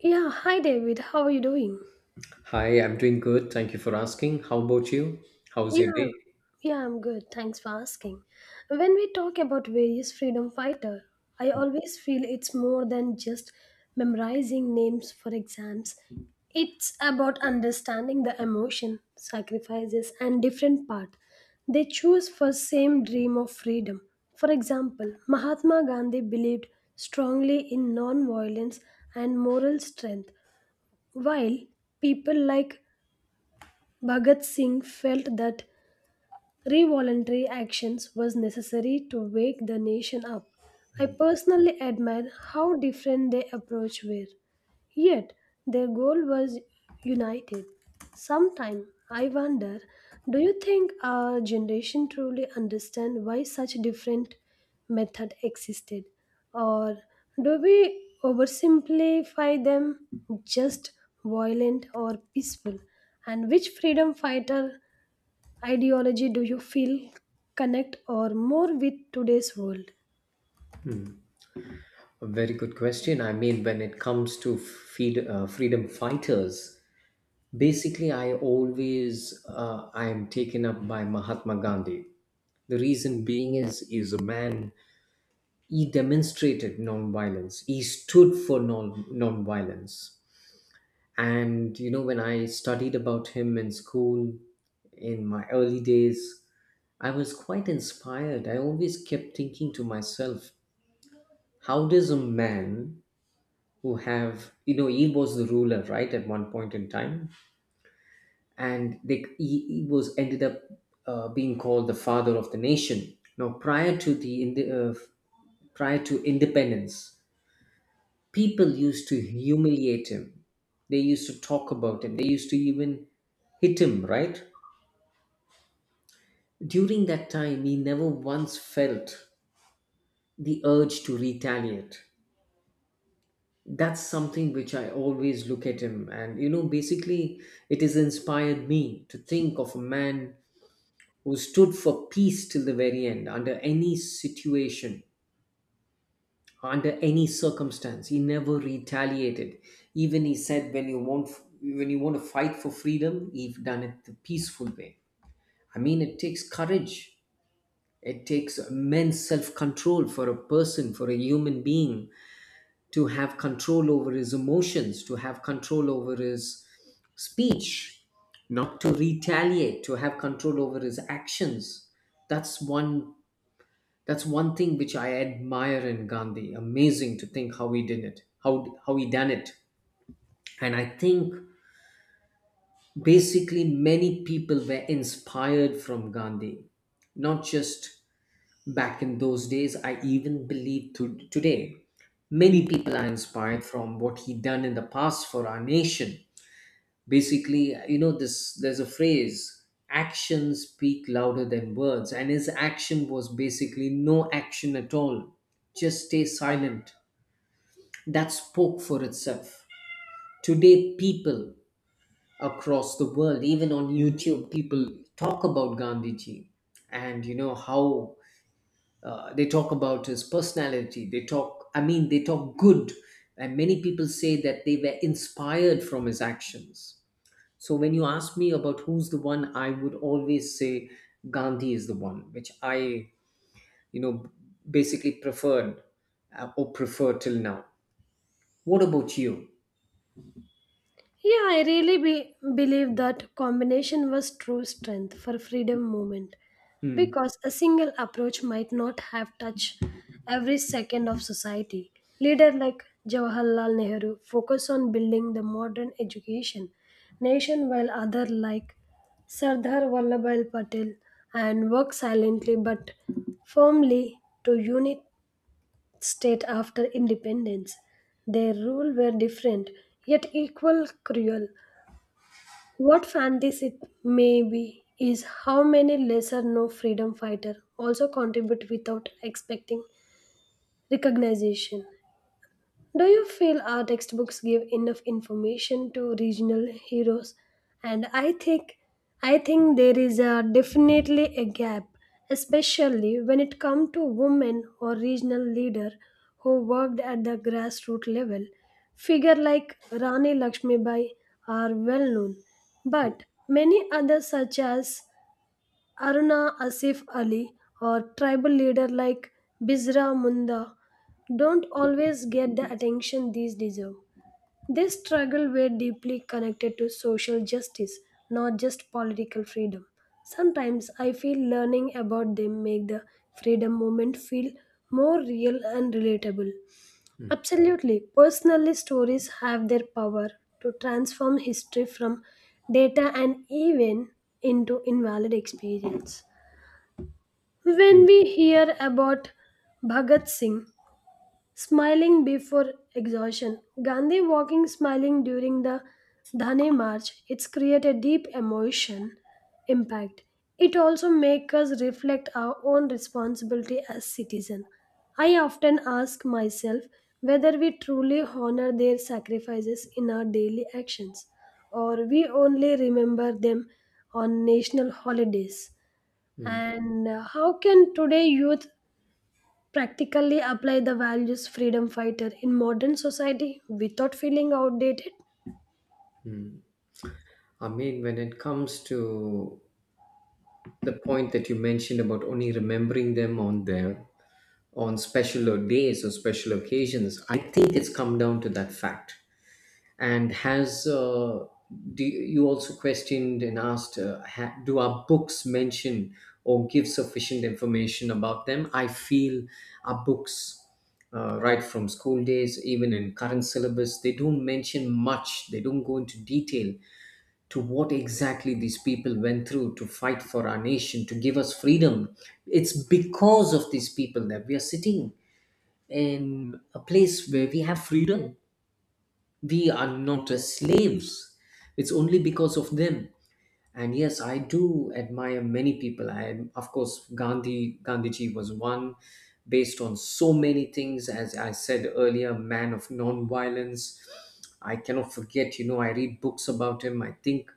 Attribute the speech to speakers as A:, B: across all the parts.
A: Yeah, hi David. How are you doing?
B: Hi, I'm doing good. Thank you for asking. How about you? How's your
A: Yeah,
B: day?
A: yeah, I'm good. Thanks for asking. When we talk about various freedom fighter, I always feel it's more than just memorizing names for exams. It's about understanding the emotion, sacrifices, and different path they choose for same dream of freedom. For example, Mahatma Gandhi believed strongly in non-violence and moral strength, while people like Bhagat Singh felt that revolutionary actions was necessary to wake the nation up. I personally admire how different their approach were. Yet their goal was united. Sometime I wonder, do you think our generation truly understand why such different method existed, or do we oversimplify them, just violent or peaceful, and which freedom fighter ideology do you feel connect or more with today's world?
B: A very good question. I mean, when it comes to feed, freedom fighters, basically, I am taken up by Mahatma Gandhi. The reason being is a man. He demonstrated nonviolence. He stood for nonviolence. And you know, when I studied about him in school, in my early days I was quite inspired. I always kept thinking to myself, how does a man who have, you know, he was the ruler, right, at one point in time, and he was ended up being called the father of the nation. Now, prior to independence, people used to humiliate him. They used to talk about him. They used to even hit him, right? During that time, he never once felt the urge to retaliate. That's something which I always look at him. And, you know, basically, it has inspired me to think of a man who stood for peace till the very end, under any situation, under any circumstance. He never retaliated. Even he said, when you want to fight for freedom, you've done it the peaceful way. I mean, it takes courage. It takes immense self control for a person, for a human being to have control over his emotions, to have control over his speech, not to retaliate, to have control over his actions. That's one that's one thing which I admire in Gandhi. Amazing to think how he did it, how he done it. And I think basically many people were inspired from Gandhi, not just back in those days, I even believe to today. Many people are inspired from what he done in the past for our nation. Basically, you know, this there's a phrase, actions speak louder than words, and his action was basically no action at all. Just stay silent. That spoke for itself. Today, people across the world, even on YouTube, people talk about Gandhiji, and you know how they talk about his personality. They talk i mean, they talk good, and many people say that they were inspired from his actions. So when you ask me about who's the one, I would always say Gandhi is the one which I, you know, basically prefer till now. What about you?
A: Yeah, I really believe that combination was true strength for freedom movement,
B: Hmm.
A: because a single approach might not have touched every second of society. Leader like Jawaharlal Nehru focused on building the modern education nation, while other like Sardar Vallabhbhai Patel and worked silently but firmly to unit state after independence. Their rule were different, yet equal cruel. What fancies it may be is how many lesser known freedom fighters also contribute without expecting recognition. Do you feel our textbooks give enough information to regional heroes? And I think there is definitely a gap, especially when it comes to women or regional leader who worked at the grassroots level. Figure like Rani Lakshmibai are well known, but many others such as Aruna Asif Ali or tribal leader like Bizra Munda don't always get the attention these deserve. They struggle were deeply connected to social justice, not just political freedom. Sometimes I feel learning about them make the freedom movement feel more real and relatable.
B: Hmm.
A: Absolutely, personally stories have their power to transform history from data and even into invalid experience. When
B: Hmm.
A: we hear about Bhagat Singh smiling before exhaustion, Gandhi walking smiling during the Dhane March, it's create a deep emotion impact. It also makes us reflect our own responsibility as citizen. I often ask myself whether we truly honor their sacrifices in our daily actions or we only remember them on national holidays.
B: Hmm.
A: And how can today youth practically apply the values freedom fighter in modern society without feeling outdated?
B: Hmm. I mean, when it comes to the point that you mentioned about only remembering them on special days or special occasions. I think it's come down to that fact. And has do you also questioned and asked, do our books mention or give sufficient information about them? I feel our books, right from school days, even in current syllabus, they don't mention much. They don't go into detail to what exactly these people went through to fight for our nation, to give us freedom. It's because of these people that we are sitting in a place where we have freedom. We are not as slaves. It's only because of them. And yes, I do admire many people. I am, of course, Gandhi. Gandhiji was one, based on so many things. As I said earlier, man of non-violence. I cannot forget. You know, I read books about him. I think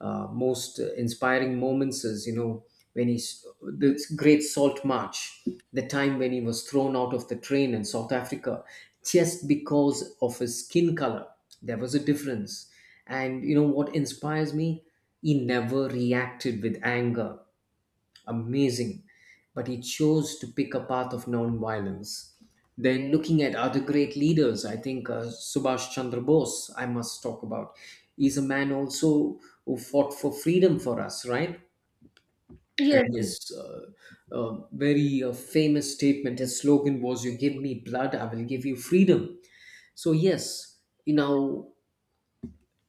B: most inspiring moments is, you know, when he's the great salt march, the time when he was thrown out of the train in South Africa just because of his skin color. There was a difference. And you know what inspires me, he never reacted with anger. Amazing. But he chose to pick a path of nonviolence. Then, looking at other great leaders, I think Subhash Chandra Bose, I must talk about. He's a man also who fought for freedom for us, right?
A: Yes.
B: And his very famous statement, his slogan was, "You give me blood, I will give you freedom." So, yes, you know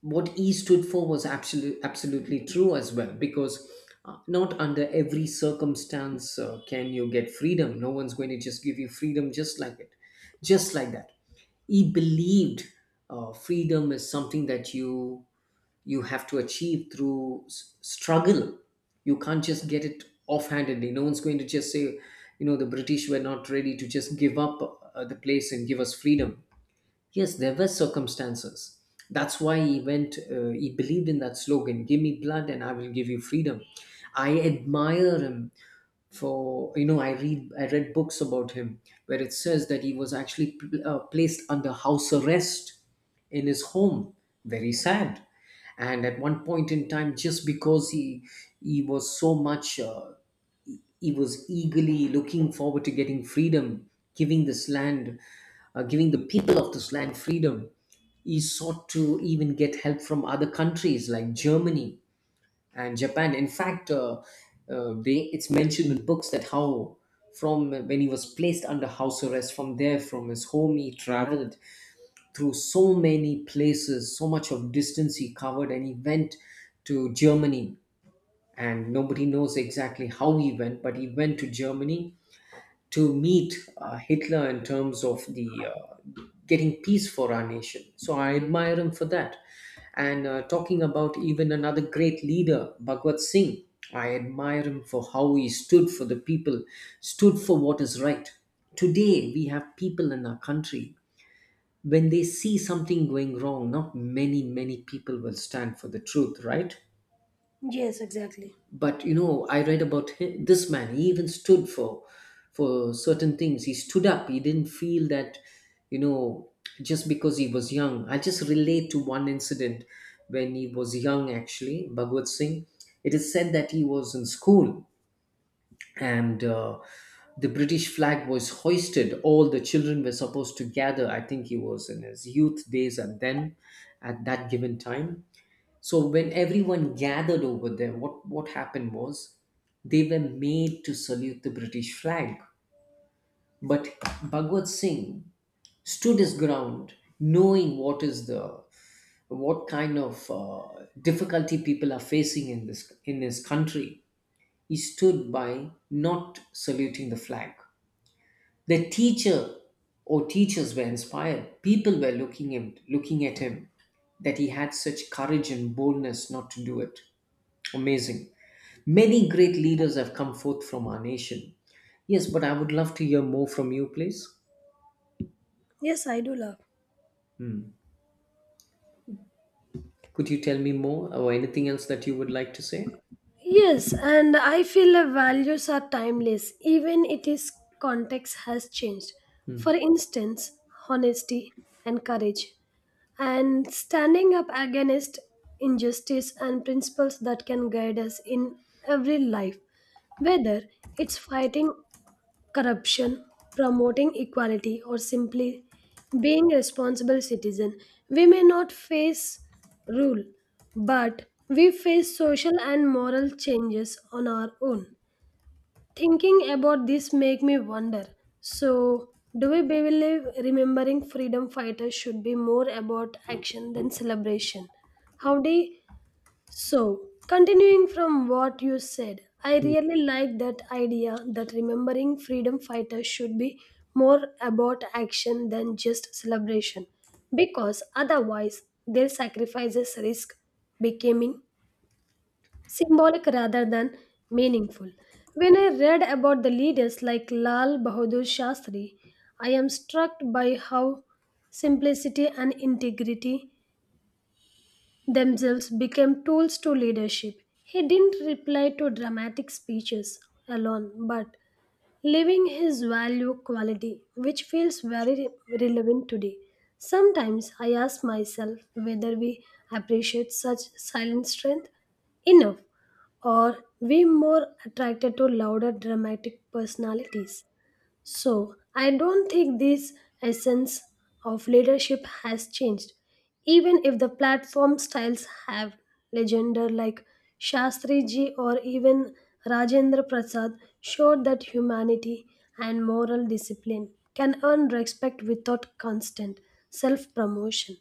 B: what he stood for was absolutely true as well, because not under every circumstance can you get freedom. No one's going to just give you freedom, just like that. He believed freedom is something that you have to achieve through struggle. You can't just get it offhandedly. No one's going to just say, you know, the British were not ready to just give up the place and give us freedom. Yes, there were circumstances. That's why he believed in that slogan, "Give me blood and I will give you freedom." I admire him for, you know, I read books about him where it says that he was actually placed under house arrest in his home. Very sad. And at one point in time, just because he was so much he was eagerly looking forward to getting freedom, giving this land, giving the people of this land freedom. He sought to even get help from other countries like Germany and Japan. In fact, they it's mentioned in books that how from when he was placed under house arrest, from his home he traveled through so many places, so much of distance he covered, and he went to Germany. And nobody knows exactly how he went, but he went to Germany to meet Hitler in terms of the getting peace for our nation. So I admire him for that. And talking about even another great leader, Bhagwat Singh, I admire him for how he stood for the people, stood for what is right. Today, we have people in our country, when they see something going wrong, not many, many people will stand for the truth, right?
A: Yes, exactly.
B: But you know, I read about this man. He even stood for certain things. He stood up. He didn't feel that, you know, just because he was young. I just relate to one incident when he was young. Actually, Bhagwat Singh, it is said that he was in school, and the British flag was hoisted. All the children were supposed to gather. I think he was in his youth days, and then at that given time, so when everyone gathered over there, what happened was they were made to salute the British flag. But Bhagwat Singh stood his ground, knowing what is the what kind of difficulty people are facing in this in his country. He stood by not saluting the flag. The teacher or teachers were inspired. People were looking him, looking at him, that he had such courage and boldness not to do it. Amazing. Many great leaders have come forth from our nation. Yes, but I would love to hear more from you, please.
A: Yes, I do love.
B: Hmm. Could you tell me more or anything else that you would like to say?
A: Yes, and I feel the values are timeless, even it is context has changed.
B: Hmm.
A: For instance, honesty and courage, and standing up against injustice and principles that can guide us in every life, whether it's fighting corruption, promoting equality, or simply being responsible citizen. We may not face rule, but we face social and moral changes on our own. Thinking about this make me wonder. So, do we believe remembering freedom fighters should be more about action than celebration? How do Continuing from what you said, I
B: Hmm.
A: really like that idea that remembering freedom fighters should be more about action than just celebration, because otherwise their sacrifices risk becoming symbolic rather than meaningful. When I read about the leaders like Lal Bahadur Shastri, I am struck by how simplicity and integrity themselves became tools to leadership. He didn't reply to dramatic speeches alone, but living his value quality, which feels very relevant today. Sometimes I ask myself whether we appreciate such silent strength enough, or we more attracted to louder dramatic personalities. So, I don't think this essence of leadership has changed, even if the platform styles have legender like Shastriji or even Rajendra Prasad showed that humanity and moral discipline can earn respect without constant self promotion.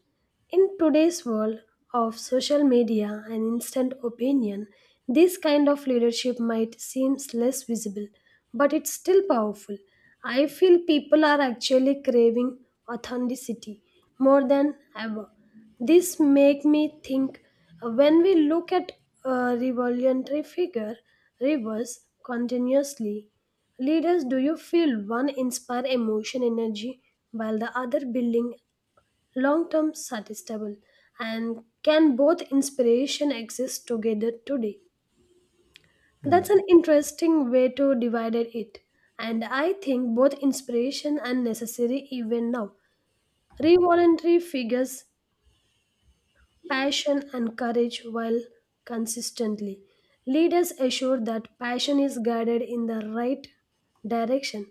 A: In today's world of social media and instant opinion, this kind of leadership might seem less visible, but it's still powerful. I feel people are actually craving authenticity more than ever. This make me think, when we look at a revolutionary figure reverse continuously leaders, do you feel one inspire emotion energy while the other building long term sustainable, and can both inspiration exist together today? That's an interesting way to divide it, and I think both inspiration and necessary even now, revolutionary figures passion and courage while consistently leaders assure that passion is guided in the right direction.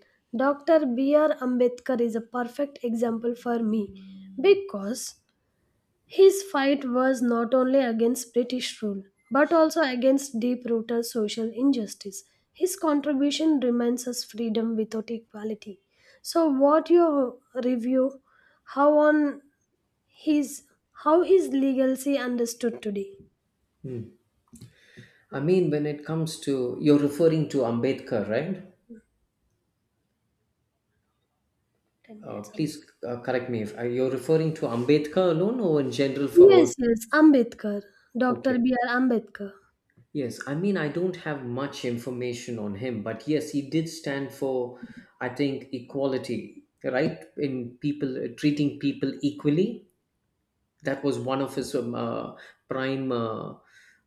A: Dr. B. R. Ambedkar is a perfect example for me, because his fight was not only against British rule, but also against deep rooted social injustice. His contribution remains as freedom without equality. So, what your review? How on his how his legacy understood today?
B: Hmm. I mean, when it comes to, you're referring to Ambedkar, right?
A: Ten minutes.
B: Please correct me if you're referring to Ambedkar alone or in general for all.
A: Yes, yes, Ambedkar, Doctor
B: Okay.
A: B. R. Ambedkar.
B: Yes, I mean, I don't have much information on him, but yes, he did stand for, I think, equality, right? In people treating people equally, that was one of his prime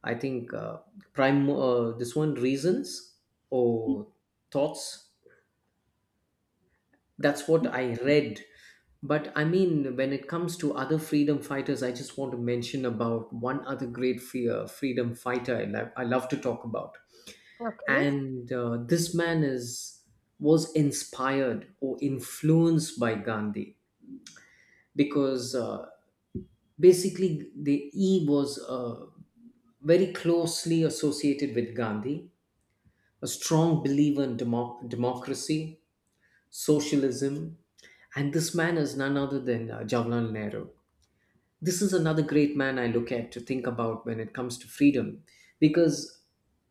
B: I think prime this one reasons or thoughts. That's what I read. But I mean, when it comes to other freedom fighters, I just want to mention about one other great freedom fighter I love to talk about.
A: Okay.
B: And this man is was inspired or influenced by Gandhi, because basically the e was very closely associated with Gandhi, a strong believer in democracy, socialism, and this man is none other than Jawaharlal Nehru. This is another great man I look at to think about when it comes to freedom, because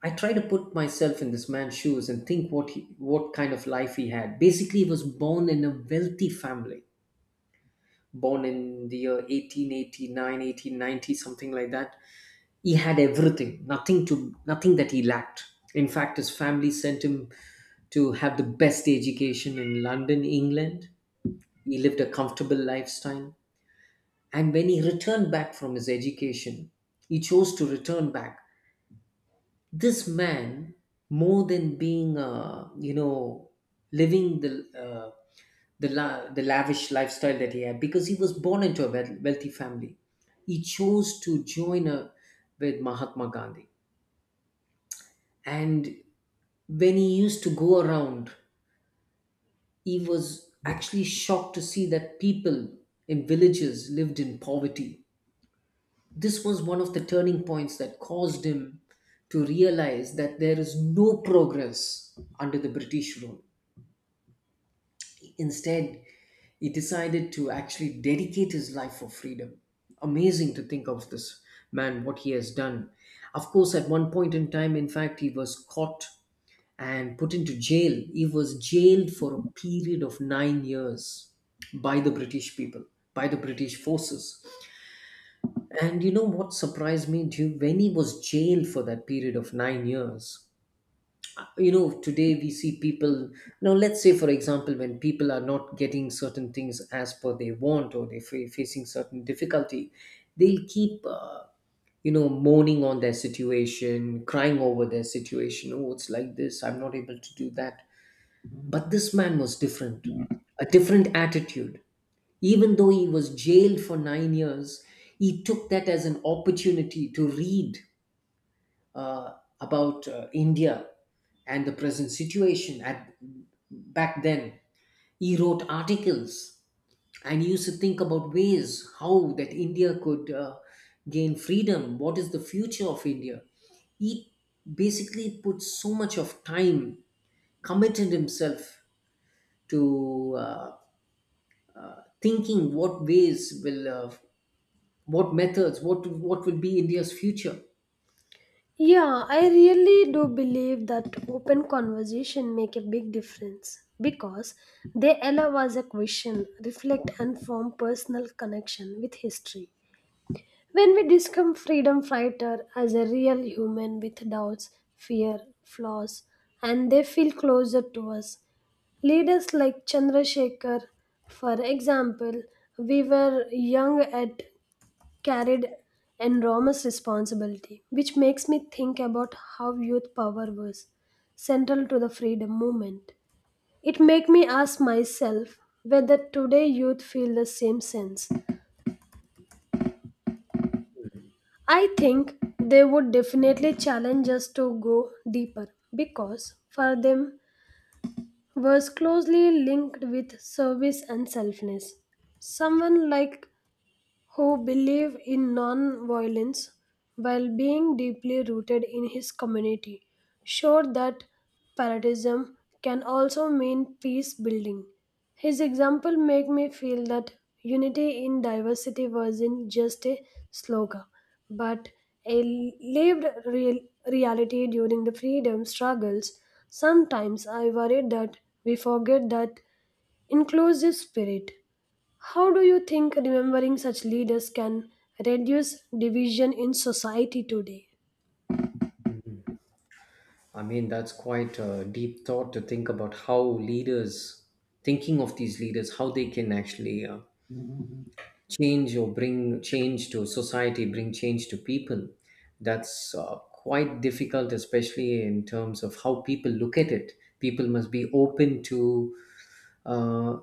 B: I try to put myself in this man's shoes and think what kind of life he had. Basically, he was born in a wealthy family, born in the year 1889, 1890, something like that. He had everything, nothing that he lacked. In fact, his family sent him to have the best education in London, England. He lived a comfortable lifestyle. And when he returned back from his education, he chose to return back. This man, more than being, living the lavish lifestyle that he had, because he was born into a wealthy family, he chose to join with Mahatma Gandhi, and when he used to go around, he was actually shocked to see that people in villages lived in poverty. This was one of the turning points that caused him to realize that there is no progress under the British rule. Instead, he decided to actually dedicate his life for freedom. Amazing to think of this man, what he has done. Of course, at one point in time, in fact, he was caught and put into jail. He was jailed for a period of 9 years by the British people, by the British forces. And you know what surprised me, Duke? When he was jailed for that period of 9 years, today we see people. Now, let's say, for example, when people are not getting certain things as per they want or they're facing certain difficulty, they'll keep moaning on their situation, crying over their situation. Oh, it's like this. I'm not able to do that. But this man was different, a different attitude. Even though he was jailed for 9 years, he took that as an opportunity to read uh, about India and the present situation at back then. He wrote articles and he used to think about ways how that India could gain freedom. What is the future of India? He basically put so much of time, committed himself to thinking what ways will what methods what will be India's future.
A: Yeah, I really do believe that open conversation make a big difference, because they allow us a question, reflect and form personal connection with history. When we discover freedom fighter as a real human with doubts, fear, flaws, and they feel closer to us. Leaders like Chandrasekhar, for example, we were young at carried enormous responsibility, which makes me think about how youth power was central to the freedom movement. It made me ask myself whether today youth feel the same sense. I think they would definitely challenge us to go deeper, because for them was closely linked with service and selfness. Someone like who believed in non-violence while being deeply rooted in his community, showed that patriotism can also mean peace building. His example made me feel that unity in diversity wasn't just a slogan, but a lived real reality during the freedom struggles. Sometimes I worry that we forget that inclusive spirit. How do you think remembering such leaders can reduce division in society today?
B: I mean that's quite a deep thought to think about how leaders thinking of these leaders how they can actually change or bring change to society, bring change to people. That's quite difficult, especially in terms of how people look at it. People must be open to uh,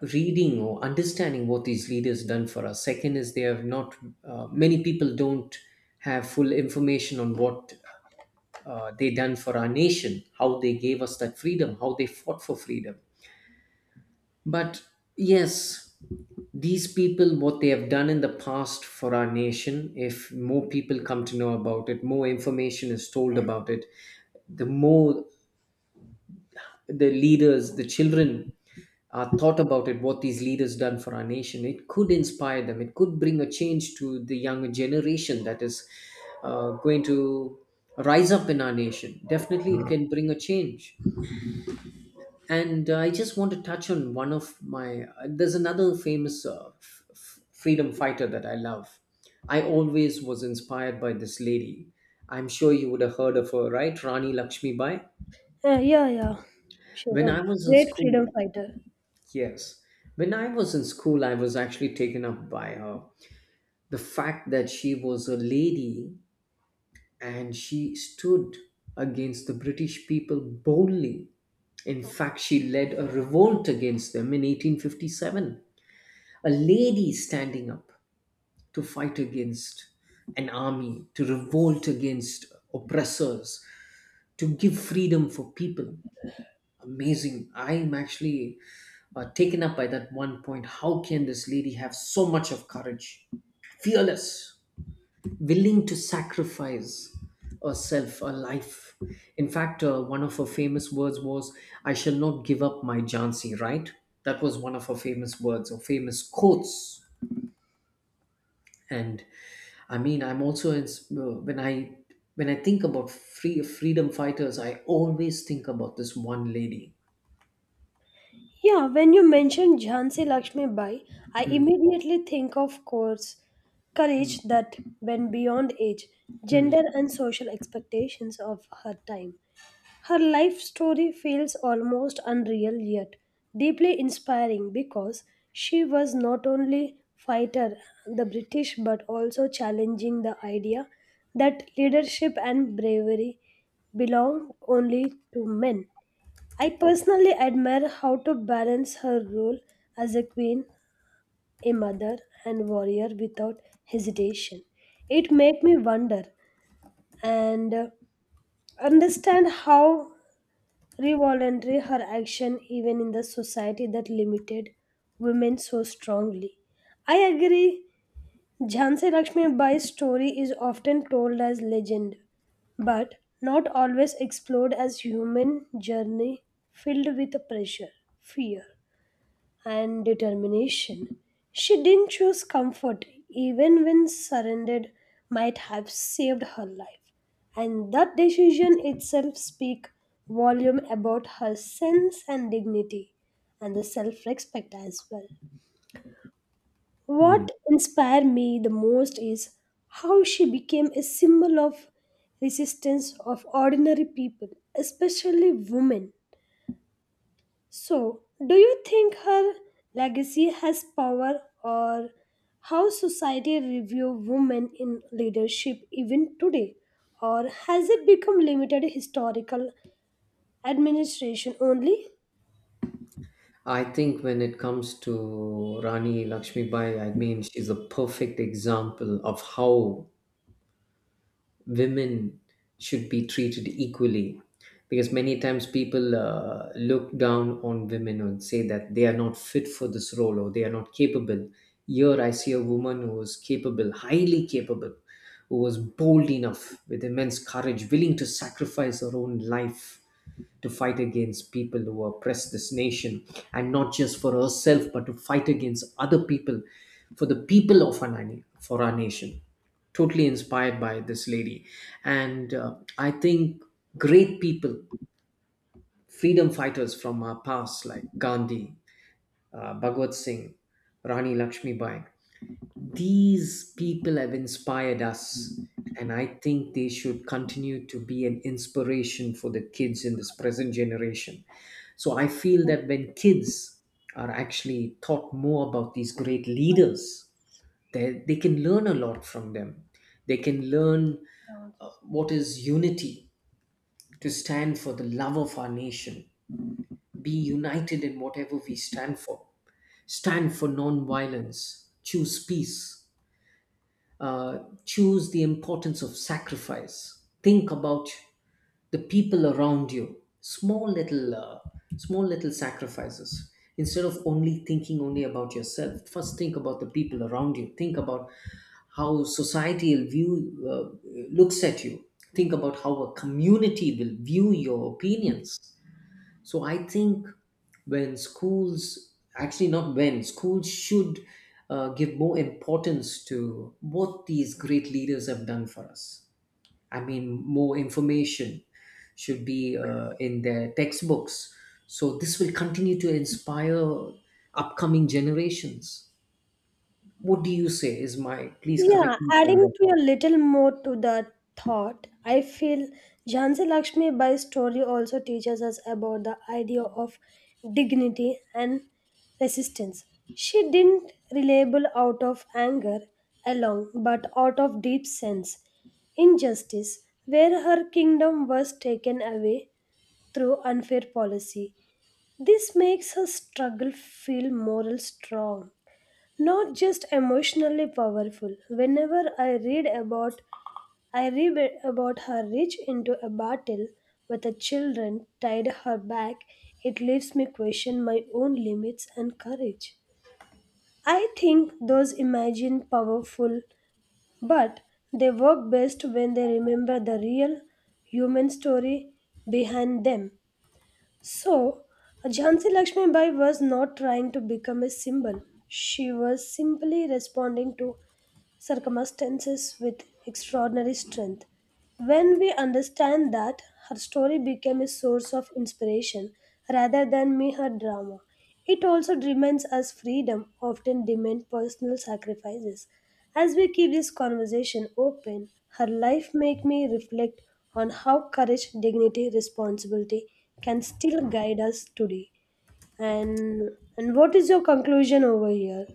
B: reading or understanding what these leaders done for us. Second is they have not many people don't have full information on what they done for our nation, how they gave us that freedom, how they fought for freedom. But yes, these people, what they have done in the past for our nation, if more people come to know about it, more information is told about it, the more the leaders, the children thought about it, what these leaders done for our nation, it could inspire them. It could bring a change to the younger generation that is going to rise up in our nation. Definitely, it can bring a change. And I just want to touch on one of my. There's another famous freedom fighter that I love. I always was inspired by this lady. I'm sure you would have heard of her, right? Rani Lakshmi Bai.
A: Yeah, yeah. She's
B: When
A: a
B: I was in
A: great freedom
B: school,
A: fighter.
B: yes. When I was in school, I was actually taken up by her. The fact that she was a lady and she stood against the British people boldly. In fact, she led a revolt against them in 1857. A lady standing up to fight against an army, to revolt against oppressors, to give freedom for people. Amazing. I'm actually taken up by that one point. How can this lady have so much of courage? Fearless, willing to sacrifice herself, her life. In fact, one of her famous words was, "I shall not give up my Jhansi," right? That was one of her famous words or famous quotes. And I mean, I'm also in, when I think about freedom fighters, I always think about this one lady.
A: Yeah, when you mention Jhansi Lakshmi Bai, I
B: Mm,
A: immediately think of course courage that went beyond age,
B: mm,
A: gender, and social expectations of her time. Her life story feels almost unreal, yet deeply inspiring, because she was not only fighter the British but also challenging the idea that leadership and bravery belong only to men. I personally admire how to balance her role as a queen, a mother and warrior without hesitation. It made me wonder and understand how revolutionary her action even in the society that limited women so strongly. I agree, Jhansi Lakshmi Bai's story is often told as legend, but not always explored as human journey filled with pressure, fear, and determination. She didn't choose comfort, even when surrendered might have saved her life. And that decision itself speaks volume about her sense and dignity and the self-respect as well.
B: mm.
A: What inspired me the most is how she became a symbol of resistance of ordinary people, especially women. So, do you think her legacy has power, or how society review women in leadership even today, or has it become limited historical administration only?
B: I think when it comes to Rani Lakshmibai, I mean, she's a perfect example of how women should be treated equally. Because many times people look down on women and say that they are not fit for this role or they are not capable. Here I see a woman who is capable, highly capable, who was bold enough, with immense courage, willing to sacrifice her own life to fight against people who oppress this nation, and not just for herself but to fight against other people for the people of for our nation. Totally inspired by this lady. And I think great people, freedom fighters from our past like Gandhi, Bhagwat Singh, Rani Lakshmibai, these people have inspired us. And I think they should continue to be an inspiration for the kids in this present generation. So I feel that when kids are actually taught more about these great leaders, they can learn a lot from them. They can learn what is unity, to stand for the love of our nation, be united in whatever we stand for, stand for non-violence, choose peace, uh, choose the importance of sacrifice, think about the people around you. Small little small little sacrifices, instead of only thinking only about yourself. First think about the people around you, think about how society will view uh, looks at you, think about how a community will view your opinions. So I think when schools should give more importance to what these great leaders have done for us. I mean, more information should be in their textbooks. So this will continue to inspire upcoming generations. What do you say? Is my Please
A: Yeah,
B: correct me if I'm
A: adding
B: wrong.
A: to a little more to the thought, I feel Jhansi Lakshmi Bai's story also teaches us about the idea of dignity and resistance. She didn't rebel out of anger alone, but out of deep sense injustice, where her kingdom was taken away through unfair policy. This makes her struggle feel moral strong, not just emotionally powerful. Whenever I read about her reach into a battle with the children tied her back, it leaves me question my own limits and courage. I think those imagine powerful, but they work best when they remember the real human story behind them. So, Jhansi Lakshmi Bai was not trying to become a symbol. She was simply responding to circumstances with extraordinary strength. When we understand that, her story became a source of inspiration rather than mere drama. It also reminds us freedom often demands personal sacrifices. As we keep this conversation open, her life make me reflect on how courage, dignity, responsibility can still guide us today. And and what is your conclusion over here?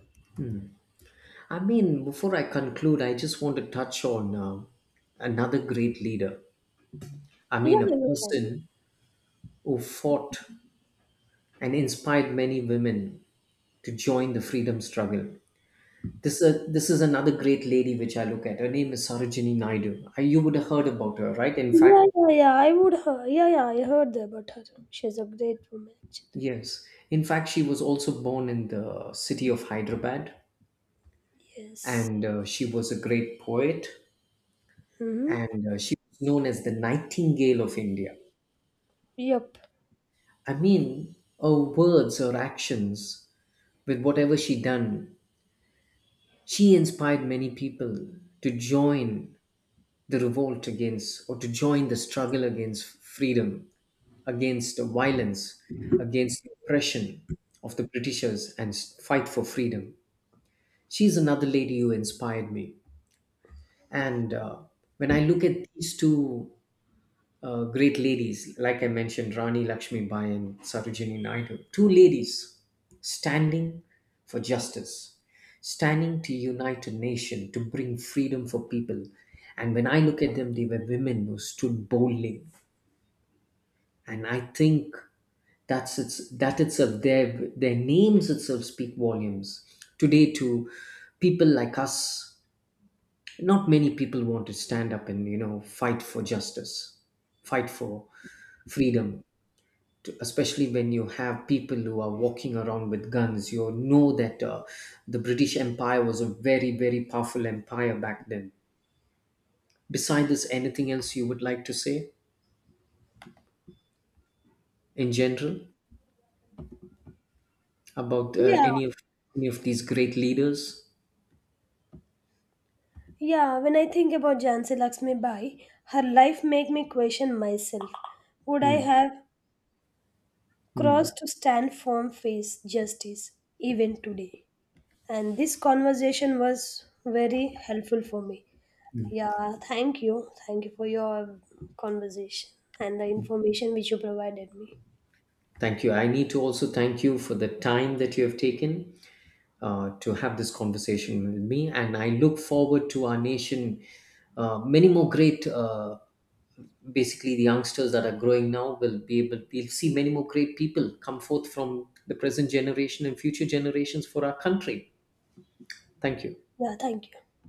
B: I mean, before I conclude, I just want to touch on another great leader. I
A: Yeah,
B: mean, a
A: you can.
B: person who fought and inspired many women to join the freedom struggle. This is another great lady which I look at. Her name is Sarojini Naidu. You would have heard about her, right? In
A: Yeah,
B: fact,
A: yeah, yeah. I would heard. Yeah, yeah. I heard about her. She's a great woman, actually.
B: yes. In fact, she was also born in the city of Hyderabad,
A: Yes.
B: and she was a great poet,
A: Mm-hmm.
B: and she was known as the Nightingale of India.
A: Yep.
B: I mean, her words, her actions, with whatever she done, she inspired many people to join the revolt against, or to join the struggle against freedom, against the violence, against the oppression of the Britishers, and fight for freedom. She's another lady who inspired me. And when I look at these two great ladies, like I mentioned, Rani Lakshmi Bai and Sarojini Naidu, two ladies standing for justice, standing to unite a nation, to bring freedom for people. And when I look at them, they were women who stood boldly. And I think that itself, their names itself speak volumes. Today, to people like us, not many people want to stand up and, you know, fight for justice, fight for freedom especially when you have people who are walking around with guns. You know that the British empire was a very, very powerful empire back then. Beside this, anything else you would like to say in general about
A: Yeah.
B: any of these great leaders?
A: Yeah. When I think about Jansi Lakshmi Bai, her life make me question myself. Would I
B: Hmm.
A: have crossed
B: Hmm.
A: to stand firm face justice even today? And this conversation was very helpful for me. Yeah. Thank you. Thank you for your conversation and the information which you provided me.
B: Thank you. I need to also thank you for the time that you have taken to have this conversation with me. And I look forward to our nation, many more great, basically, the youngsters that are growing now will be able, we'll see many more great people come forth from the present generation and future generations for our country. Thank you.
A: Yeah. Thank you.